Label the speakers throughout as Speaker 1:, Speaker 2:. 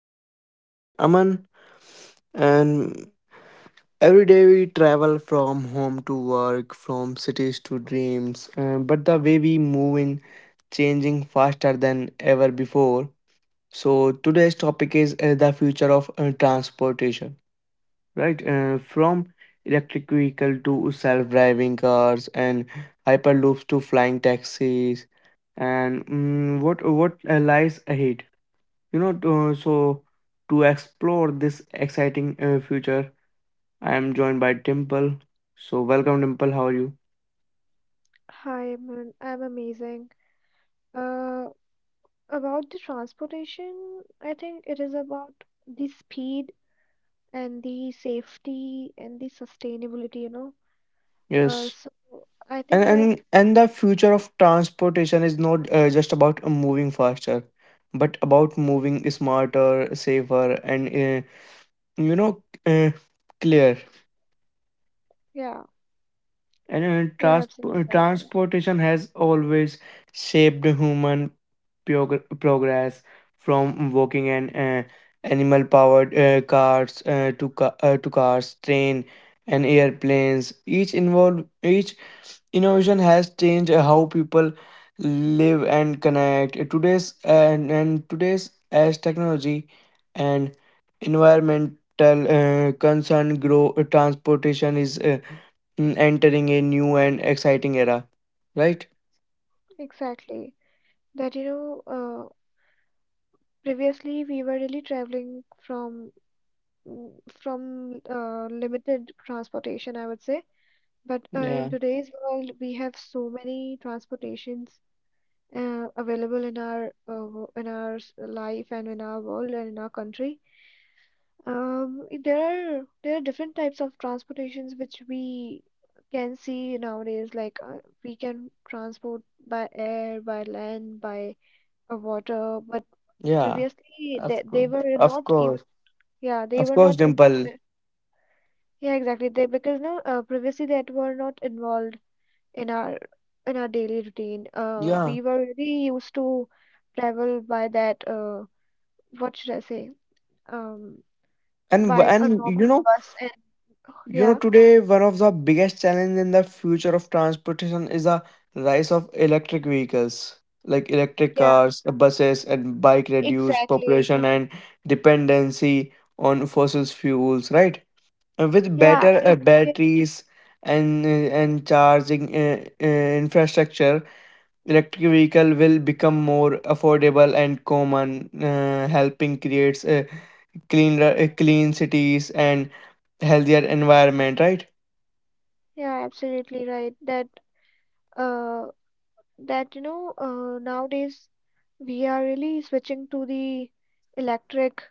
Speaker 1: I am your host Aman, and every day we travel from home to work, from cities to dreams. But the way we move in changing faster than ever before. So, today's topic is the future of transportation, right? From electric vehicle to self-driving cars and hyperloops to flying taxis and mm, what lies ahead you know, to, so to explore this exciting future, I am joined by Dimple. So welcome, Dimple. How are you?
Speaker 2: Hi, Aman. I'm amazing. Uh, about the transportation, I think it is about the speed and the safety and the sustainability, you know. Uh,
Speaker 1: Yes.
Speaker 2: so I
Speaker 1: And
Speaker 2: think that,
Speaker 1: and and the future of transportation is not just about moving faster, but about moving smarter, safer, and you know uh, clear.
Speaker 2: yeah,
Speaker 1: And
Speaker 2: you're absolutely right. Yeah,
Speaker 1: transportation has always shaped human progress from walking and animal powered cars to cars, train, and airplanes. Each innovation has changed how people live and connect. Today's, as technology and environmental concern grow, transportation is entering a new and exciting era, right?
Speaker 2: exactly. That, you know, uh, Previously we were really traveling from mm, from limited transportation, I would say. But in
Speaker 1: Yeah,
Speaker 2: today's world, we have so many transportations available in our in our life and in our world and in our country. There are different types of transportations which we can see nowadays. Like we can transport by air, by land, by water. But
Speaker 1: yeah,
Speaker 2: previously they
Speaker 1: of
Speaker 2: they
Speaker 1: course,
Speaker 2: were
Speaker 1: of
Speaker 2: not even
Speaker 1: course,
Speaker 2: yeah they
Speaker 1: of
Speaker 2: were
Speaker 1: course,
Speaker 2: not uh,
Speaker 1: Dimple.
Speaker 2: yeah exactly they because previously that were not involved in our in our daily routine.
Speaker 1: Yeah,
Speaker 2: We were really used to travel by that what should I say? Um,
Speaker 1: and w-
Speaker 2: by a
Speaker 1: and you
Speaker 2: normal
Speaker 1: know,
Speaker 2: bus and
Speaker 1: you know,
Speaker 2: yeah,
Speaker 1: today one of the biggest challenge in the future of transportation is the rise of electric vehicles. Like electric
Speaker 2: yeah,
Speaker 1: cars, buses, and bike reduce
Speaker 2: exactly.
Speaker 1: population and dependency on fossil fuels, right? And with
Speaker 2: Yeah,
Speaker 1: better
Speaker 2: it, it is.
Speaker 1: batteries and charging infrastructure, electric vehicle will become more affordable and common helping creates a clean cities and healthier environment, right?
Speaker 2: Yeah, absolutely right. Uh, that you know, nowadays we are really switching to the electric.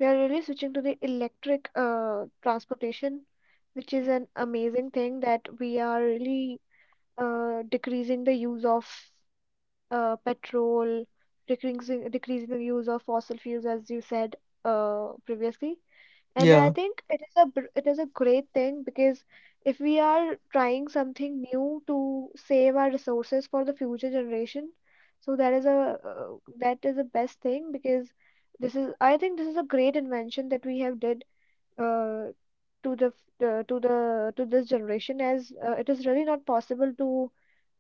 Speaker 2: We are really switching to the electric transportation, which is an amazing thing that we are really decreasing the use of petrol, decreasing the use of fossil fuels, as you said previously. And I
Speaker 1: Yeah,
Speaker 2: think it is a great thing because if we are trying something new to save our resources for the future generation, so that is a that is the best thing because this is I think this is a great invention that we have did uh, to the to this generation as it is really not possible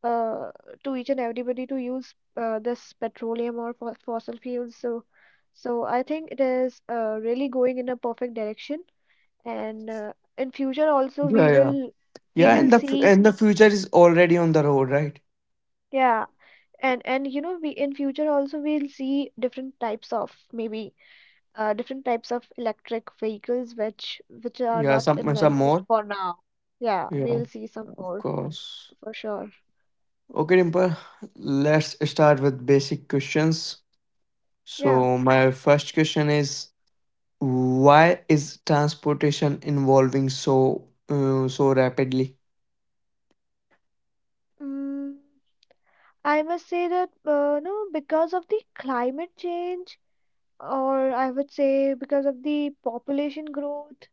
Speaker 2: uh, to each and everybody to use this petroleum or fo fossil fuels. So, so I think it is really going in a perfect direction. And in future also
Speaker 1: yeah,
Speaker 2: we
Speaker 1: yeah,
Speaker 2: will we
Speaker 1: yeah.
Speaker 2: will
Speaker 1: and the f-
Speaker 2: see
Speaker 1: and the future is already on the road, right?
Speaker 2: yeah and you know we in future also we'll see different types of maybe different types of electric vehicles which are
Speaker 1: Yeah,
Speaker 2: not
Speaker 1: some
Speaker 2: invented
Speaker 1: more,
Speaker 2: for now. Yeah,
Speaker 1: yeah,
Speaker 2: we'll see some
Speaker 1: of
Speaker 2: more
Speaker 1: course.
Speaker 2: for sure.
Speaker 1: Okay, Dimple, let's start with basic questions.
Speaker 2: Yeah.
Speaker 1: So my first question is, why is transportation evolving so so rapidly?
Speaker 2: Mm, I must say that no, because of the climate change, or I would say because of the population growth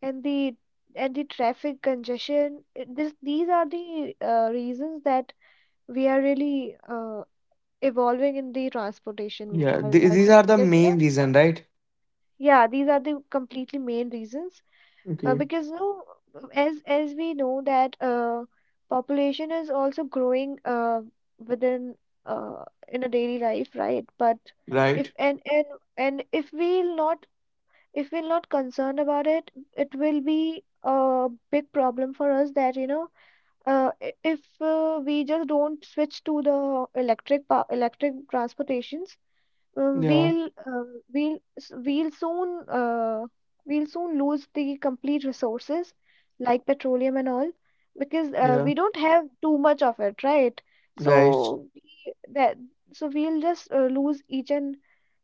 Speaker 2: and the and the traffic congestion, this these are the reasons that we are really evolving in the transportation.
Speaker 1: Yeah,
Speaker 2: I I
Speaker 1: these
Speaker 2: think
Speaker 1: are the
Speaker 2: because you know
Speaker 1: main reason, right?
Speaker 2: yeah, these are the completely main reasons
Speaker 1: Okay.
Speaker 2: because you know, as we know that population is also growing within in a daily life, right? But if
Speaker 1: Right.
Speaker 2: and and if we'll not if we're not concerned about it, it will be a big problem for us that you know if we just don't switch to the electric transportations uh,
Speaker 1: Yeah.
Speaker 2: we'll uh, we'll s- we'll soon uh, we'll soon lose the complete resources like petroleum and all because
Speaker 1: Yeah.
Speaker 2: we don't have too much of it, right?
Speaker 1: Right.
Speaker 2: So we, that so we'll just lose each and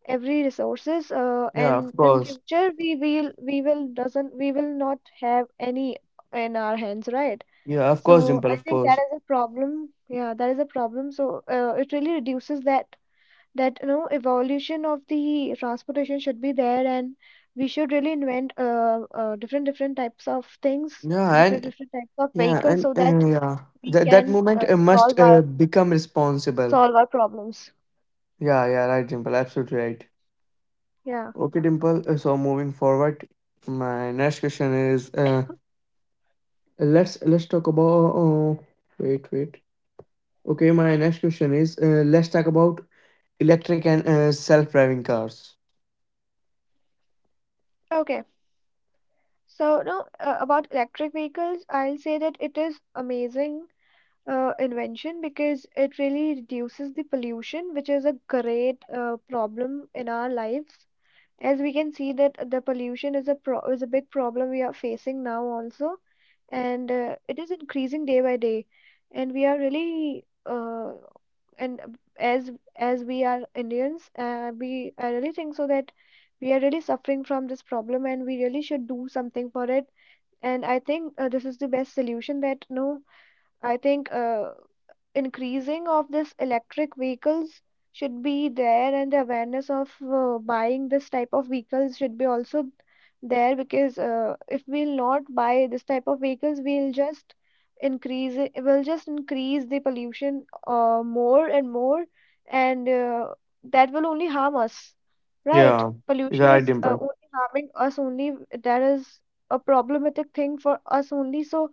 Speaker 2: every resources
Speaker 1: Yeah, of
Speaker 2: and in
Speaker 1: course.
Speaker 2: future we will not have any in our hands, right?
Speaker 1: Yeah, of course,
Speaker 2: So
Speaker 1: Dimple,
Speaker 2: I
Speaker 1: of
Speaker 2: think that
Speaker 1: course.
Speaker 2: is a problem. Yeah, that is a problem. So it really reduces that that you know evolution of the transportation should be there and we should really invent different different types of things
Speaker 1: Yeah,
Speaker 2: different
Speaker 1: and
Speaker 2: different types of
Speaker 1: yeah,
Speaker 2: vehicles
Speaker 1: and
Speaker 2: so that
Speaker 1: uh, yeah,
Speaker 2: we
Speaker 1: that that
Speaker 2: can
Speaker 1: moment must become responsible.
Speaker 2: solve our problems
Speaker 1: Yeah, yeah, right, Dimple, absolutely right.
Speaker 2: yeah
Speaker 1: Okay, Dimple. So moving forward, my next question is, let's talk about. Oh, wait, wait. Okay, my next question is, let's talk about electric and self-driving cars.
Speaker 2: okay so no about electric vehicles I'll say that it is amazing invention because it really reduces the pollution which is a great problem in our lives as we can see that the pollution is a pro is a big problem we are facing now also and it is increasing day by day and we are really and as as we are Indians we I really think so that we are really suffering from this problem and we really should do something for it and I think this is the best solution that no I think increasing of this electric vehicles should be there and the awareness of buying this type of vehicles should be also there because if we'll not buy this type of vehicles we'll just increase it will just increase the pollution more and more and that will only harm us right
Speaker 1: Yeah,
Speaker 2: pollution
Speaker 1: right
Speaker 2: is
Speaker 1: impact.
Speaker 2: only harming us only that is a problematic thing for us only so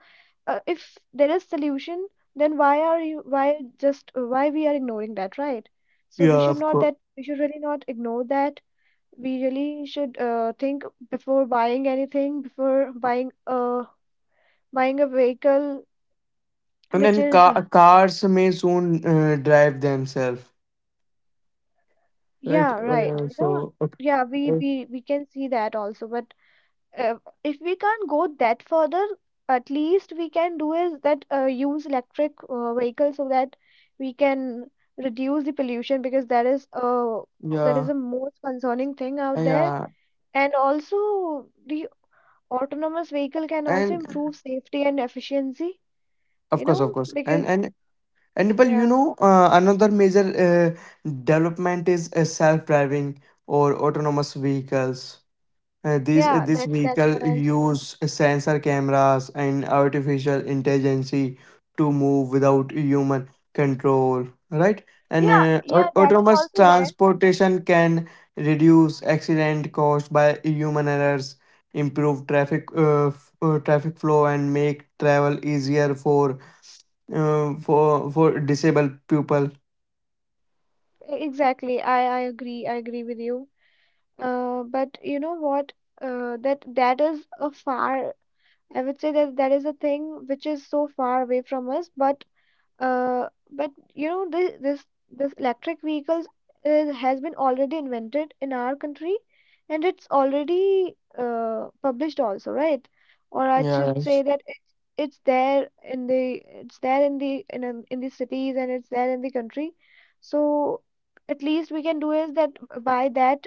Speaker 2: if there is solution then why are you why just why we are ignoring that right so we
Speaker 1: Yeah,
Speaker 2: should
Speaker 1: of
Speaker 2: not
Speaker 1: course.
Speaker 2: that we should really not ignore that we really should think before buying anything before buying buying a vehicle
Speaker 1: And
Speaker 2: which
Speaker 1: then
Speaker 2: is
Speaker 1: cars may soon drive themselves, right?
Speaker 2: yeah right
Speaker 1: Uh,
Speaker 2: you know
Speaker 1: so, okay.
Speaker 2: yeah we
Speaker 1: Uh,
Speaker 2: we we can see that also but uh, if we can't go that further, at least we can do is that use electric vehicles so that we can reduce the pollution because that is
Speaker 1: yeah,
Speaker 2: the most concerning thing
Speaker 1: uh,
Speaker 2: out there.
Speaker 1: yeah,
Speaker 2: And also, the autonomous vehicle can also
Speaker 1: and
Speaker 2: improve safety and efficiency,
Speaker 1: of
Speaker 2: you
Speaker 1: course,
Speaker 2: know,
Speaker 1: of course. and
Speaker 2: because
Speaker 1: and and people, you
Speaker 2: yeah,
Speaker 1: know, another major development is self-driving or autonomous vehicles. These
Speaker 2: yeah,
Speaker 1: this
Speaker 2: that that's
Speaker 1: vehicle
Speaker 2: what I'm saying.
Speaker 1: use sensor cameras and artificial intelligence to move without human control, right? And
Speaker 2: Yeah, yeah, that is
Speaker 1: autonomous
Speaker 2: also there.
Speaker 1: transportation can reduce accident caused by human errors, improve traffic traffic flow, and make travel easier for for disabled people.
Speaker 2: Exactly. I agree. I agree with you. But you know what? That that is a far, I would say that that is a thing which is so far away from us, but you know this electric vehicles is, has been already invented in our country and it's already published also right or I
Speaker 1: Yeah,
Speaker 2: should say
Speaker 1: right.
Speaker 2: that it's there in the it's there in the in the cities and it's there in the country so at least we can do is that by that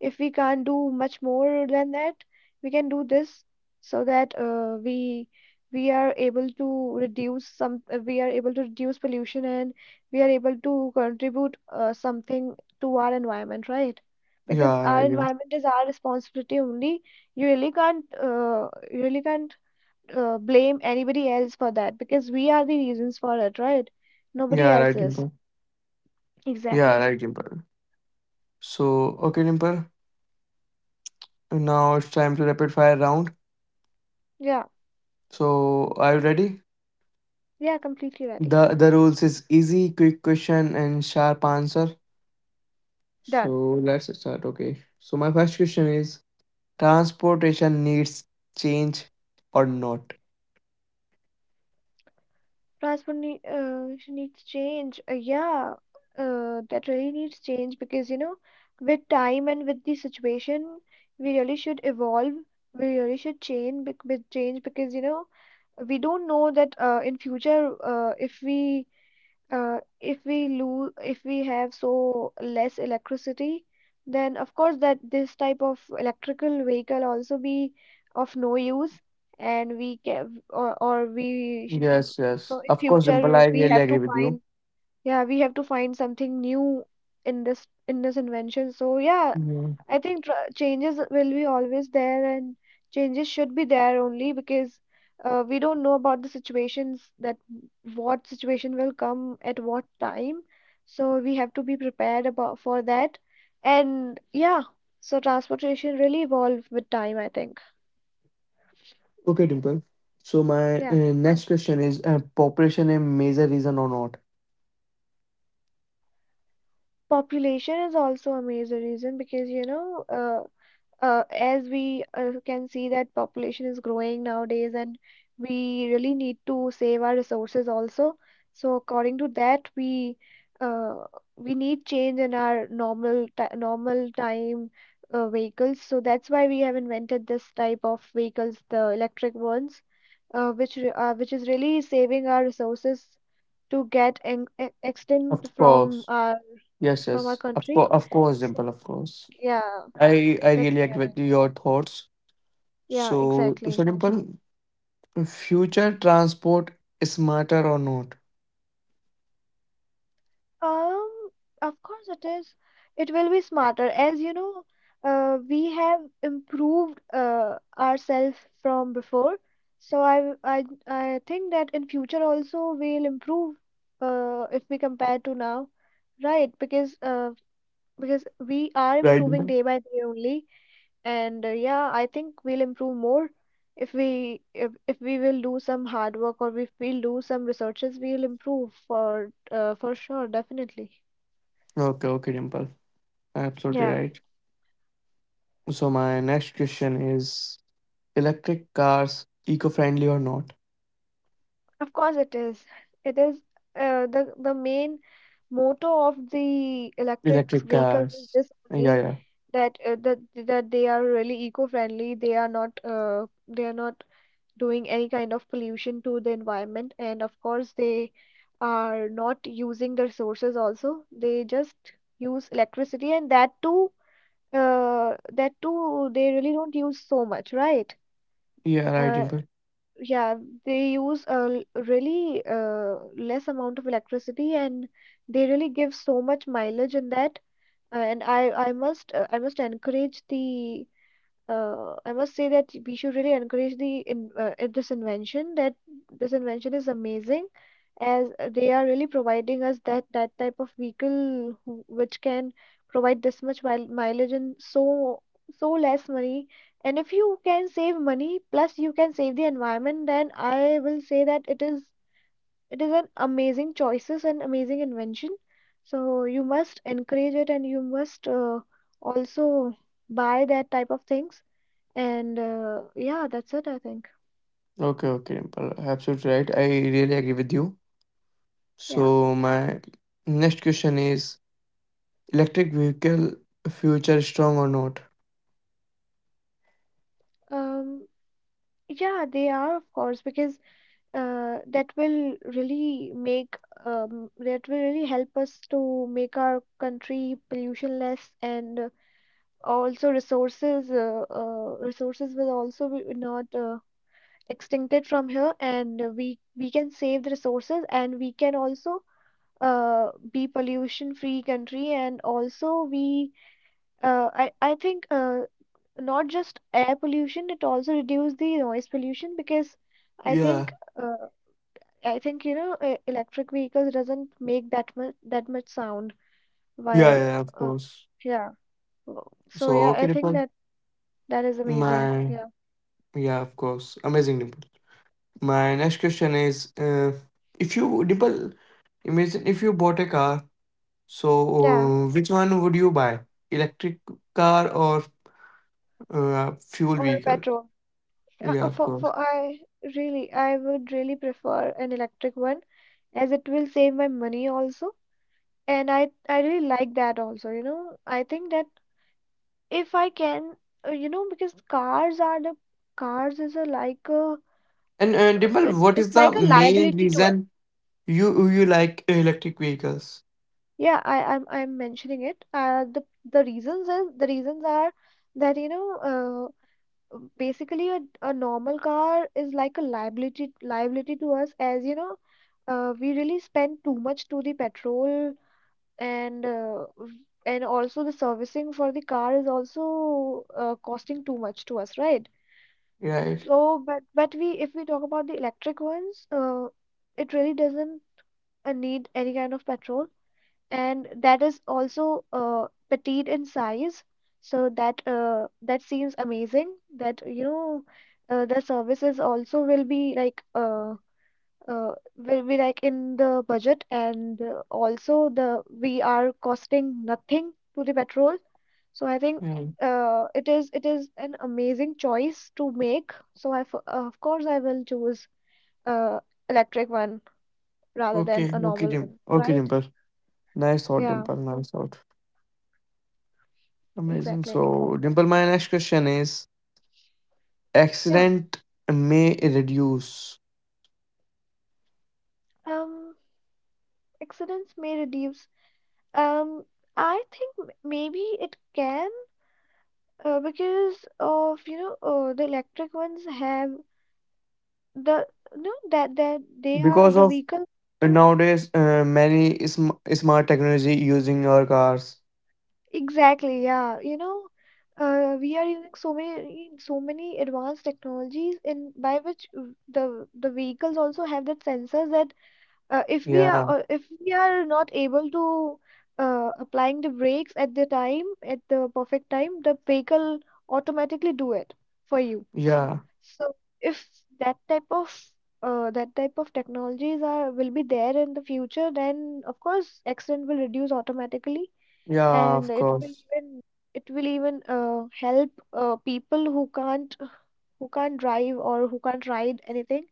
Speaker 2: if we can't do much more than that we can do this so that we are able to reduce some we are able to reduce pollution and we are able to contribute something to our environment right because
Speaker 1: Yeah,
Speaker 2: our
Speaker 1: right, Dimple.
Speaker 2: environment is our responsibility only you really can't uh, you really can't blame anybody else for that because we are the reasons for it right nobody
Speaker 1: Yeah,
Speaker 2: else
Speaker 1: right,
Speaker 2: is
Speaker 1: Dimple. Yeah,
Speaker 2: exactly
Speaker 1: right, Dimple. So, okay, Dimple. Now it's time to rapid fire round.
Speaker 2: yeah
Speaker 1: So are you ready?
Speaker 2: yeah completely ready
Speaker 1: The rules is easy, quick question and sharp answer. So
Speaker 2: done
Speaker 1: let's start. Okay. So my first question is, transportation needs change or not?
Speaker 2: Transport needs change. Yeah, that really needs change because, you know, with time and with the situation, we really should evolve. We really should with change because, you know, we don't know that in future, if we lose, if we have so less electricity, then of course that this type of electrical vehicle also be of no use and we can or we
Speaker 1: Yes, yes.
Speaker 2: so in
Speaker 1: Of course, Dimple,
Speaker 2: future
Speaker 1: I
Speaker 2: we
Speaker 1: really
Speaker 2: have to
Speaker 1: agree with you.
Speaker 2: find yeah we have to find something new in this invention. So yeah,
Speaker 1: Yeah.
Speaker 2: I think changes will be always there and changes should be there only because we don't know about the situations that what situation will come at what time. So we have to be prepared about for that. And yeah, so transportation really evolved with time, I think.
Speaker 1: Okay, Dimple. So my
Speaker 2: Yeah
Speaker 1: next question is, population a major reason or not?
Speaker 2: population is also a major reason because you know as we can see that population is growing nowadays and we really need to save our resources also so according to that uh, we need change in our normal time vehicles so that's why we have invented this type of vehicles the electric ones which is really saving our resources to get extent
Speaker 1: Of course. Yes,
Speaker 2: from our
Speaker 1: yes.
Speaker 2: country
Speaker 1: Of course,
Speaker 2: so
Speaker 1: Dimple, of course.
Speaker 2: yeah
Speaker 1: I
Speaker 2: that's
Speaker 1: really
Speaker 2: what I
Speaker 1: agree with
Speaker 2: think
Speaker 1: your thoughts.
Speaker 2: Yeah,
Speaker 1: So so
Speaker 2: exactly.
Speaker 1: Dimple, future transport smarter or not,
Speaker 2: Um, of course it is. It will be smarter. As you know, we have improved ourselves from before. So I think that in future also we'll improve if we compare to now, right? Because we are
Speaker 1: right,
Speaker 2: improving
Speaker 1: Dimple?
Speaker 2: day by day only. And yeah, I think we'll improve more if we if we will do some hard work or if we'll do some researches, we'll improve for sure, definitely.
Speaker 1: Okay, okay, Dimple, absolutely
Speaker 2: Yeah,
Speaker 1: right. So my next question is: electric cars eco-friendly or not?
Speaker 2: of course it is. It is the main motto of the electric
Speaker 1: Electric
Speaker 2: vehicles is
Speaker 1: cars.
Speaker 2: this
Speaker 1: Yeah,
Speaker 2: only
Speaker 1: yeah,
Speaker 2: that that that they are really eco-friendly. They are not doing any kind of pollution to the environment and of course they are not using the resources also they just use electricity and that too they really don't use so much right
Speaker 1: yeah, right,
Speaker 2: uh,
Speaker 1: Dimple.
Speaker 2: yeah they use really less amount of electricity and they really give so much mileage in that and I must I must encourage the I must say that we should really encourage the this invention. That this invention is amazing, as they are really providing us that type of vehicle which can provide this much mileage and so so less money. And if you can save money plus you can save the environment, then I will say that it is an amazing choices and amazing invention. So you must encourage it and you must also buy that type of things and yeah, that's it, I think.
Speaker 1: Okay, okay, Dimple, absolutely right. I really agree with you.
Speaker 2: Yeah.
Speaker 1: So my next question is: electric vehicle future strong or not?
Speaker 2: Um, yeah, they are, of course, because uh, that will really make that will really help us to make our country pollution less, and also resources resources will also be not extincted from here, and we can save the resources, and we can also be pollution free country, and also we I think not just air pollution, it also reduce the noise pollution because i
Speaker 1: Yeah,
Speaker 2: think uh, I think you know electric vehicles doesn't make that much sound
Speaker 1: yeah,
Speaker 2: while
Speaker 1: yeah, of
Speaker 2: uh,
Speaker 1: course.
Speaker 2: yeah w- so
Speaker 1: So,
Speaker 2: yeah,
Speaker 1: okay,
Speaker 2: I think
Speaker 1: Dimple.
Speaker 2: that that is amazing.
Speaker 1: My,
Speaker 2: Yeah,
Speaker 1: yeah, of course. Amazing, Dimple. My next question is, if you, Dimple, imagine if you bought a car, so
Speaker 2: yeah,
Speaker 1: which one would you buy? Electric car or fuel
Speaker 2: or
Speaker 1: vehicle?
Speaker 2: petrol.
Speaker 1: Yeah, of
Speaker 2: For
Speaker 1: course.
Speaker 2: I Really, I would really prefer an electric one, as it will save my money also, and i really like that also, you know. I think that if I can, you know, because cars are the cars is a like a
Speaker 1: And Dimple,
Speaker 2: it's
Speaker 1: what is
Speaker 2: like
Speaker 1: the
Speaker 2: a
Speaker 1: main
Speaker 2: liability to us.
Speaker 1: reason you you like electric vehicles?
Speaker 2: Yeah, I'm mentioning it. The reasons is the reasons are that, you know, basically a normal car is like a liability to us, as you know, we really spend too much to the petrol, and uh, and also the servicing for the car is also costing too much to us, right?
Speaker 1: Right.
Speaker 2: Oh, but we, if we talk about the electric ones, it really doesn't need any kind of petrol, and that is also petite in size. So that that seems amazing. That you know, the services also will be like in the budget, and also the we are costing nothing to the petrol. So I think
Speaker 1: Yeah.
Speaker 2: it is an amazing choice to make. So I f of course I will choose uh electric one rather than
Speaker 1: Okay.
Speaker 2: a
Speaker 1: Okay,
Speaker 2: normal
Speaker 1: Dim.
Speaker 2: one,
Speaker 1: Okay,
Speaker 2: right?
Speaker 1: Dimple. Nice thought,
Speaker 2: Yeah,
Speaker 1: Dimple. Nice thought. Amazing.
Speaker 2: exactly.
Speaker 1: So, Dimple, my next question is,
Speaker 2: Yeah.
Speaker 1: accident may reduce
Speaker 2: Um, Accidents may reduce. Um, I think maybe it can because of, you know, the electric ones have the no that they are
Speaker 1: because
Speaker 2: the
Speaker 1: of
Speaker 2: vehicles.
Speaker 1: nowadays many smart technology using our cars.
Speaker 2: Exactly, yeah. You know, we are using so many advanced technologies, in by which the vehicles also have that sensors that if we are,
Speaker 1: Yeah,
Speaker 2: if we are not able to applying the brakes at the time at the perfect time, the vehicle automatically do it for you.
Speaker 1: yeah,
Speaker 2: So if that type of, that type of technologies are will be there in the future, then of course accident will reduce automatically,
Speaker 1: yeah,
Speaker 2: and
Speaker 1: of course.
Speaker 2: it will even help people who can't, drive or who can't ride anything.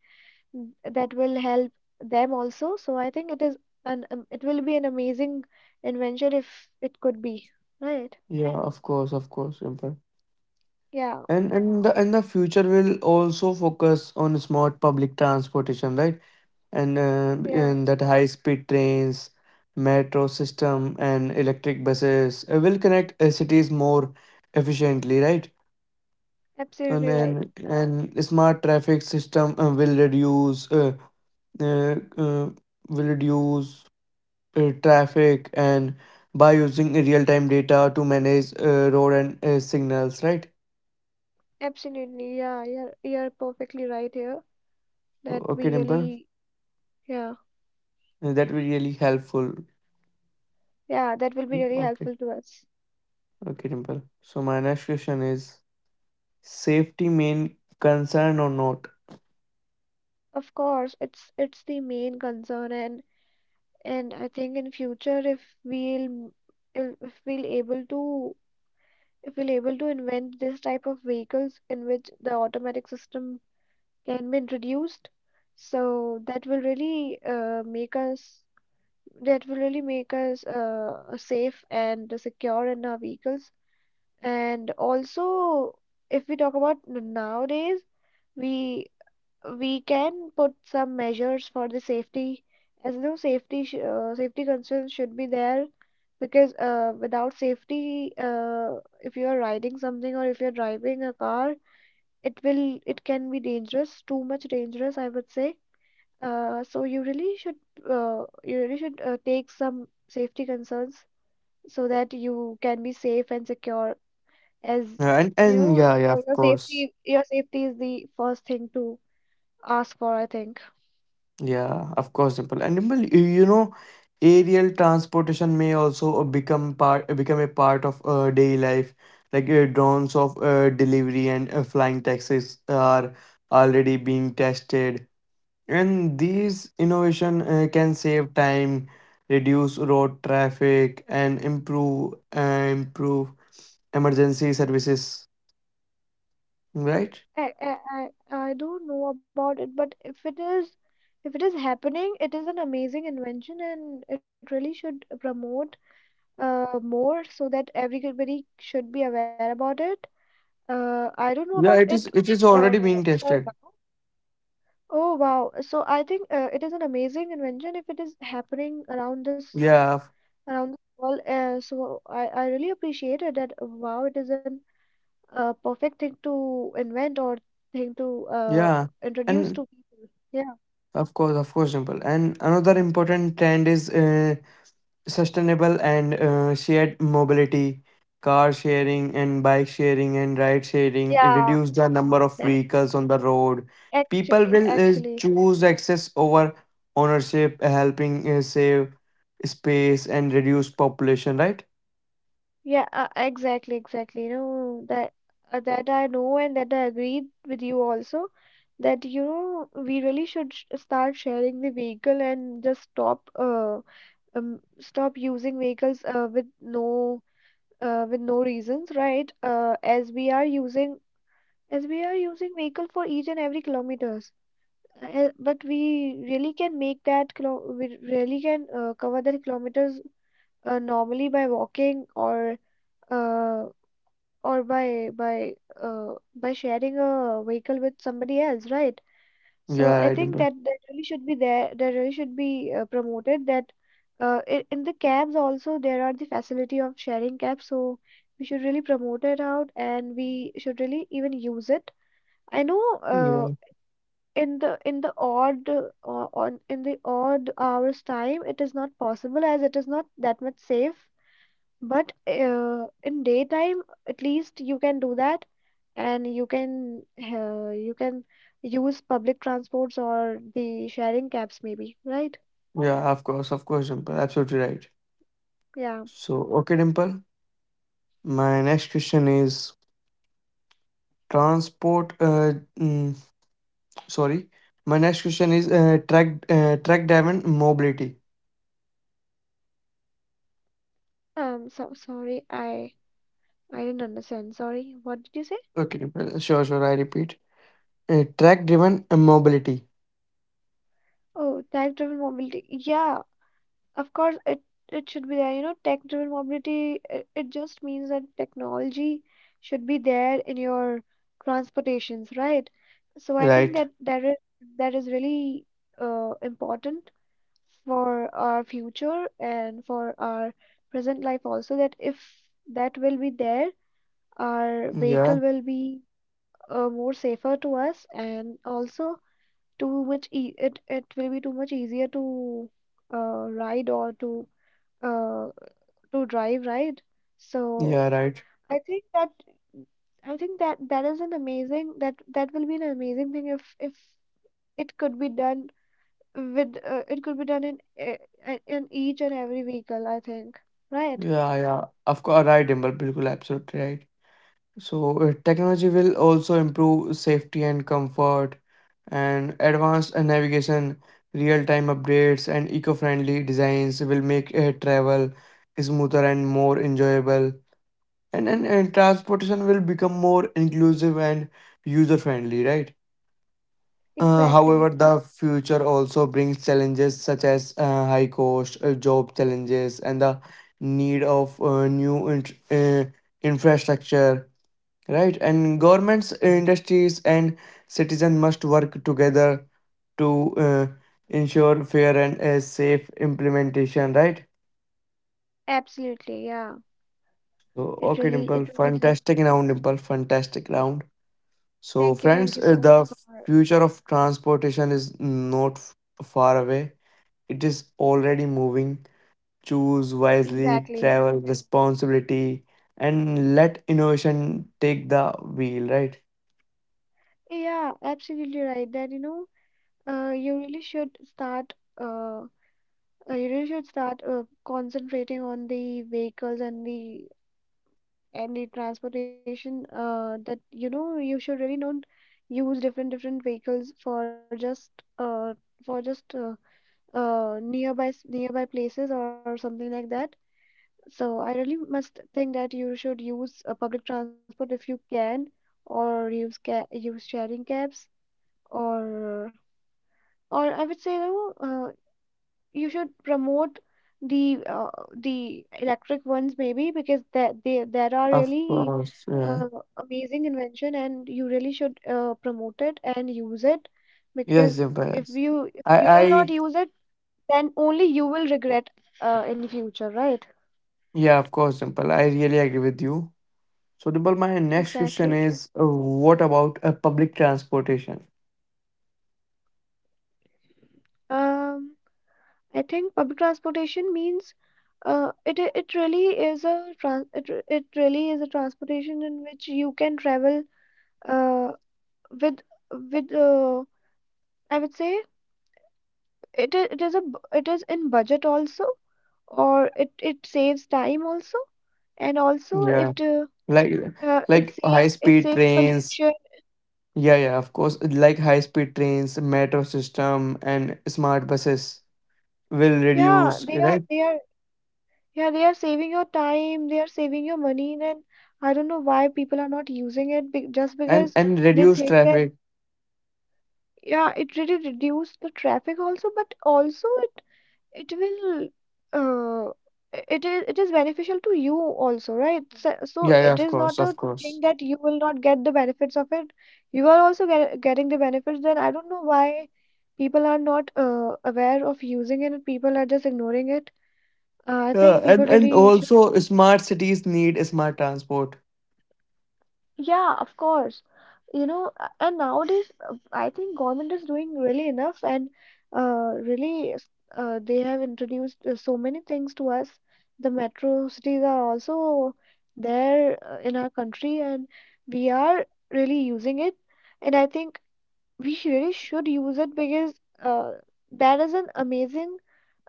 Speaker 2: That will help them also, so I think it is an it will be an amazing invention if it could be right.
Speaker 1: Yeah, of course, of course, Simple.
Speaker 2: Yeah,
Speaker 1: And the future will also focus on smart public transportation, right? And
Speaker 2: yeah,
Speaker 1: in that, high speed trains, metro system, and electric buses will connect cities more efficiently, right? and
Speaker 2: absolutely right.
Speaker 1: and, and smart traffic system will reduce uh, uh, will reduce traffic and by using real time data to manage road and signals, right?
Speaker 2: Absolutely, yeah, you're perfectly right here.
Speaker 1: So,
Speaker 2: That
Speaker 1: okay,
Speaker 2: we
Speaker 1: Dimple,
Speaker 2: really, yeah,
Speaker 1: that will be really helpful.
Speaker 2: yeah, that will be really
Speaker 1: Okay,
Speaker 2: helpful to us.
Speaker 1: okay, Dimple, so my next question is, safety main concern or not?
Speaker 2: Of course, it's the main concern, and I think in future if we'll able to, if we'll able to invent this type of vehicles in which the automatic system can be introduced, so that will really make us that will really make us safe and secure in our vehicles. And also, if we talk about nowadays, we we can put some measures for the safety. As you know, safety concerns should be there, because without safety, if you are riding something or if you're driving a car, it can be dangerous, too much dangerous I would say. So you really should take some safety concerns, so that you can be safe and secure. As
Speaker 1: Uh, and
Speaker 2: you
Speaker 1: and
Speaker 2: know,
Speaker 1: yeah, yeah, of
Speaker 2: your
Speaker 1: course.
Speaker 2: safety, your safety is the first thing to ask for, I think.
Speaker 1: Yeah, of course, Dimple. And Dimple, you know, aerial transportation may also become a part of daily life. Like drones of delivery and flying taxis are already being tested, and these innovation can save time, reduce road traffic, and improve emergency services, right?
Speaker 2: I, I I don't know about it, but if it is, if it is happening, it is an amazing invention, and it really should promote more, so that everybody should be aware about it. I don't know
Speaker 1: Yeah,
Speaker 2: about
Speaker 1: it is.
Speaker 2: it
Speaker 1: It is already
Speaker 2: uh
Speaker 1: being
Speaker 2: for
Speaker 1: tested.
Speaker 2: now. Oh wow. So I think it is an amazing invention if it is happening around this
Speaker 1: Yeah,
Speaker 2: around the world. So I really appreciate it that, wow, it is an a perfect thing to invent, or thing to
Speaker 1: yeah,
Speaker 2: introduce
Speaker 1: and.
Speaker 2: to people. Yeah,
Speaker 1: Of course, Dimple. And another important trend is sustainable and shared mobility, car sharing and bike sharing and ride sharing
Speaker 2: yeah,
Speaker 1: reduce the number of
Speaker 2: that,
Speaker 1: vehicles on the road. People will
Speaker 2: actually,
Speaker 1: choose access over ownership, helping save space and reduce population, right?
Speaker 2: yeah, exactly, exactly. You know that that I know and that I agreed with you also. That you know, we really should sh start sharing the vehicle and just stop stop using vehicles with no reasons, right? As we are using as we are using vehicle for each and every kilometers. But we really can make that kilo we really can cover that kilometers normally by walking, uh, or by sharing a vehicle with somebody else, right? So
Speaker 1: Yeah,
Speaker 2: I
Speaker 1: right,
Speaker 2: think
Speaker 1: Dimple.
Speaker 2: that that really should be there. That really should be promoted. That in the cabs also there are the facility of sharing cabs. So we should really promote it out, and we should really even use it. I know.
Speaker 1: Yeah,
Speaker 2: In the, in the odd on in the odd hours time, it is not possible, as it is not that much safe. But in daytime, at least you can do that, and you can use public transports or the sharing cabs maybe, right?
Speaker 1: yeah, of course, of course, Dimple, absolutely right.
Speaker 2: Yeah.
Speaker 1: So, okay, Dimple. My next question is transport. Sorry. My next question is track driven mobility.
Speaker 2: So sorry, I didn't understand, sorry, what did you say?
Speaker 1: Okay, sure, sure. I repeat. Track driven mobility.
Speaker 2: Oh, tag driven mobility, yeah. Of course, it should be there. You know, tech-driven mobility, it just means that technology should be there in your transportations, right? So I think
Speaker 1: Right.
Speaker 2: that that is really important for our future and for our present life also. That if that will be there, our vehicle
Speaker 1: Yeah.
Speaker 2: will be more safer to us, and also too much e it will be too much easier to ride or uh, to drive, right? So
Speaker 1: Yeah. Right.
Speaker 2: I think that, I think that that is an amazing, that that will be an amazing thing if it could be done with, it could be done in in each and every vehicle, I think. Right?
Speaker 1: Yeah. Yeah. Of course. Right, Dimple. Bilkul. Absolutely right. So technology will also improve safety and comfort, and advanced navigation, real time updates, and eco friendly designs will make travel smoother and more enjoyable. And then and transportation will become more inclusive and user friendly, right? However,
Speaker 2: Exactly.
Speaker 1: the future also brings challenges such as high cost, job challenges, and the need of new infrastructure, right? And governments, industries, and citizens must work together to uh, ensure fair and safe implementation, right?
Speaker 2: Absolutely. Yeah.
Speaker 1: So
Speaker 2: It
Speaker 1: okay,
Speaker 2: really,
Speaker 1: Dimple,
Speaker 2: it really does.
Speaker 1: fantastic round, Dimple, fantastic round. So,
Speaker 2: Thank you. Thank
Speaker 1: friends,
Speaker 2: you
Speaker 1: uh,
Speaker 2: so
Speaker 1: the
Speaker 2: much for
Speaker 1: future of transportation is not f- far away. It is already moving. Choose wisely,
Speaker 2: exactly.
Speaker 1: travel responsibility, and let innovation take the wheel, right?
Speaker 2: Yeah, absolutely right. That you know, you really should start uh, you really should start concentrating on the vehicles and the transportation. That you know, you should really don't use different vehicles for just uh, for just uh, nearby nearby places or something like that. So I really must think that you should use public transport if you can, or use ca use sharing cabs, or or I would say no. You should promote the uh, the electric ones maybe, because that they there are
Speaker 1: Of
Speaker 2: really
Speaker 1: course,
Speaker 2: uh,
Speaker 1: yeah.
Speaker 2: amazing invention, and you really should promote it and use it,
Speaker 1: Yes,
Speaker 2: because
Speaker 1: Dimple,
Speaker 2: if
Speaker 1: yes.
Speaker 2: you, if you will not
Speaker 1: I,
Speaker 2: use it, then only you will regret in future, right?
Speaker 1: yeah, of course, Dimple, I really agree with you. So, Dimple, my next question
Speaker 2: Exactly.
Speaker 1: is, what about public transportation?
Speaker 2: um I think public transportation means it it really is a trans it, it really is a transportation in which you can travel uh, with with, I would say, it is a it is in budget also, or it saves time also, and also
Speaker 1: Yeah,
Speaker 2: it
Speaker 1: like,
Speaker 2: it
Speaker 1: like
Speaker 2: saves, it
Speaker 1: high-speed
Speaker 2: saves
Speaker 1: trains.
Speaker 2: pollution.
Speaker 1: Yeah, yeah, of course. Like high-speed trains, metro system, and smart buses will
Speaker 2: Yeah,
Speaker 1: reduce,
Speaker 2: they are,
Speaker 1: right?
Speaker 2: they are, yeah, they are saving your time, they are saving your money. Then I don't know why people are not using it, be just because
Speaker 1: And
Speaker 2: they
Speaker 1: reduce
Speaker 2: think that,
Speaker 1: traffic.
Speaker 2: yeah, it really reduced the traffic also, but also it will uh, it is, it is beneficial to you also, right? So, so
Speaker 1: Yeah, yeah,
Speaker 2: it
Speaker 1: of
Speaker 2: is
Speaker 1: course,
Speaker 2: not
Speaker 1: of
Speaker 2: a thing
Speaker 1: course.
Speaker 2: that you will not get the benefits of it. You are also getting the benefits. Then I don't know why people are not aware of using it. People are just ignoring it. I
Speaker 1: Yeah,
Speaker 2: think people
Speaker 1: and
Speaker 2: really should.
Speaker 1: also smart cities need smart transport.
Speaker 2: Yeah, of course. You know, and nowadays I think government is doing really enough, and they have introduced so many things to us. The metro cities are also there in our country, and we are really using it. And I think we really should use it, because uh, that is an amazing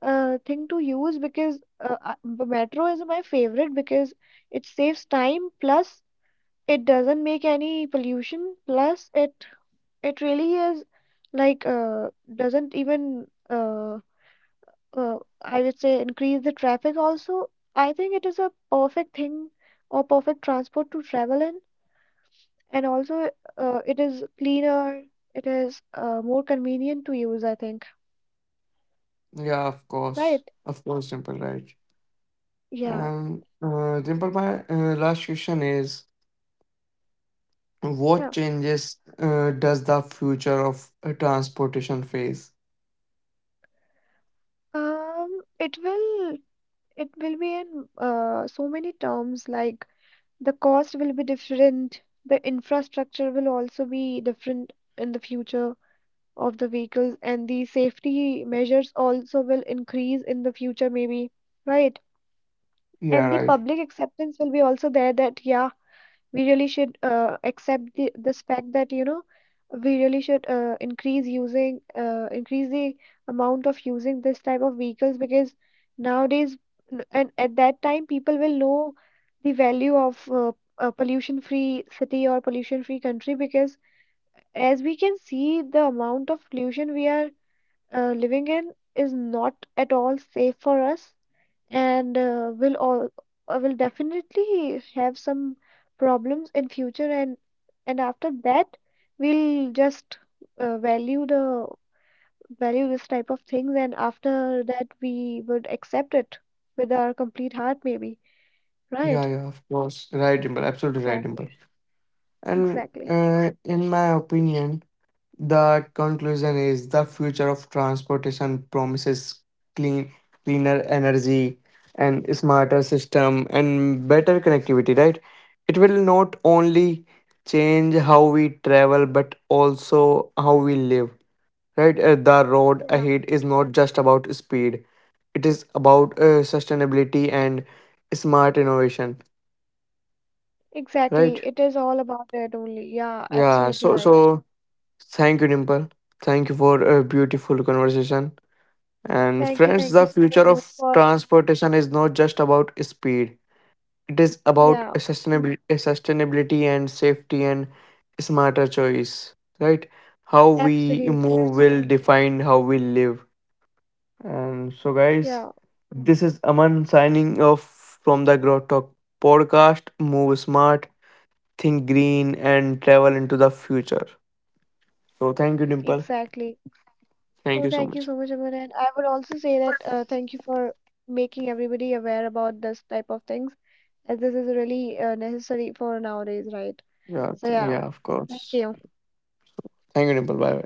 Speaker 2: thing to use, because the metro is my favorite, because it saves time, plus it doesn't make any pollution, plus it really is like doesn't even I would say increase the traffic also. I think it is a perfect thing or perfect transport to travel in, and also it is cleaner, it is more convenient to use, I think,
Speaker 1: Yeah,
Speaker 2: right?
Speaker 1: of course, simple, right?
Speaker 2: Yeah,
Speaker 1: And Dimple, my last question is, what
Speaker 2: yeah.
Speaker 1: changes does the future of transportation face?
Speaker 2: It will, it will be in so many terms, like the cost will be different. The infrastructure will also be different in the future of the vehicles, and the safety measures also will increase in the future, maybe, right?
Speaker 1: Yeah,
Speaker 2: And the
Speaker 1: right.
Speaker 2: public acceptance will be also there. That, yeah, we really should accept the this fact, that you know, we really should increase using increase the amount of using this type of vehicles, because nowadays, and at that time people will know the value of a pollution free city or pollution free country, because as we can see the amount of pollution we are living in, is not at all safe for us, and will all will definitely have some problems in future. And after that, we'll just uh, value the value this type of things, and after that we would accept it with our complete heart maybe,
Speaker 1: Yeah,
Speaker 2: right?
Speaker 1: yeah, of course. Right, Dimple. Absolutely right, Dimple.
Speaker 2: Exactly,
Speaker 1: And
Speaker 2: exactly,
Speaker 1: in my opinion, the conclusion is the future of transportation promises clean, cleaner energy and smarter system and better connectivity, right? It will not only change how we travel but also how we live, right? The road
Speaker 2: yeah,
Speaker 1: ahead is not just about speed, it is about sustainability and smart innovation, right?
Speaker 2: exactly, it is all about that only, yeah,
Speaker 1: Yeah,
Speaker 2: absolutely
Speaker 1: so
Speaker 2: right.
Speaker 1: so thank you, Dimple. Thank you for a beautiful conversation. And
Speaker 2: Thank you,
Speaker 1: friends,
Speaker 2: thank
Speaker 1: the
Speaker 2: you so much,
Speaker 1: future
Speaker 2: Amit,
Speaker 1: of
Speaker 2: for
Speaker 1: transportation is not just about speed. It is about
Speaker 2: yeah,
Speaker 1: a sustainability, sustainability and safety and smarter choice, right? How we
Speaker 2: absolutely,
Speaker 1: move will define how we live. And so,
Speaker 2: yeah,
Speaker 1: guys, this is Aman signing off from the Grow Talk podcast. Move smart, think green, and travel into the future. So, thank you, Dimple.
Speaker 2: exactly. Oh,
Speaker 1: Thank you so
Speaker 2: thank you
Speaker 1: much.
Speaker 2: so much, Aman. And I would also say that thank you for making everybody aware about this type of things, as this is really necessary for nowadays, right?
Speaker 1: Yeah,
Speaker 2: So, yeah,
Speaker 1: yeah, of
Speaker 2: thank
Speaker 1: course.
Speaker 2: you.
Speaker 1: Thank you, Dimple. Bye.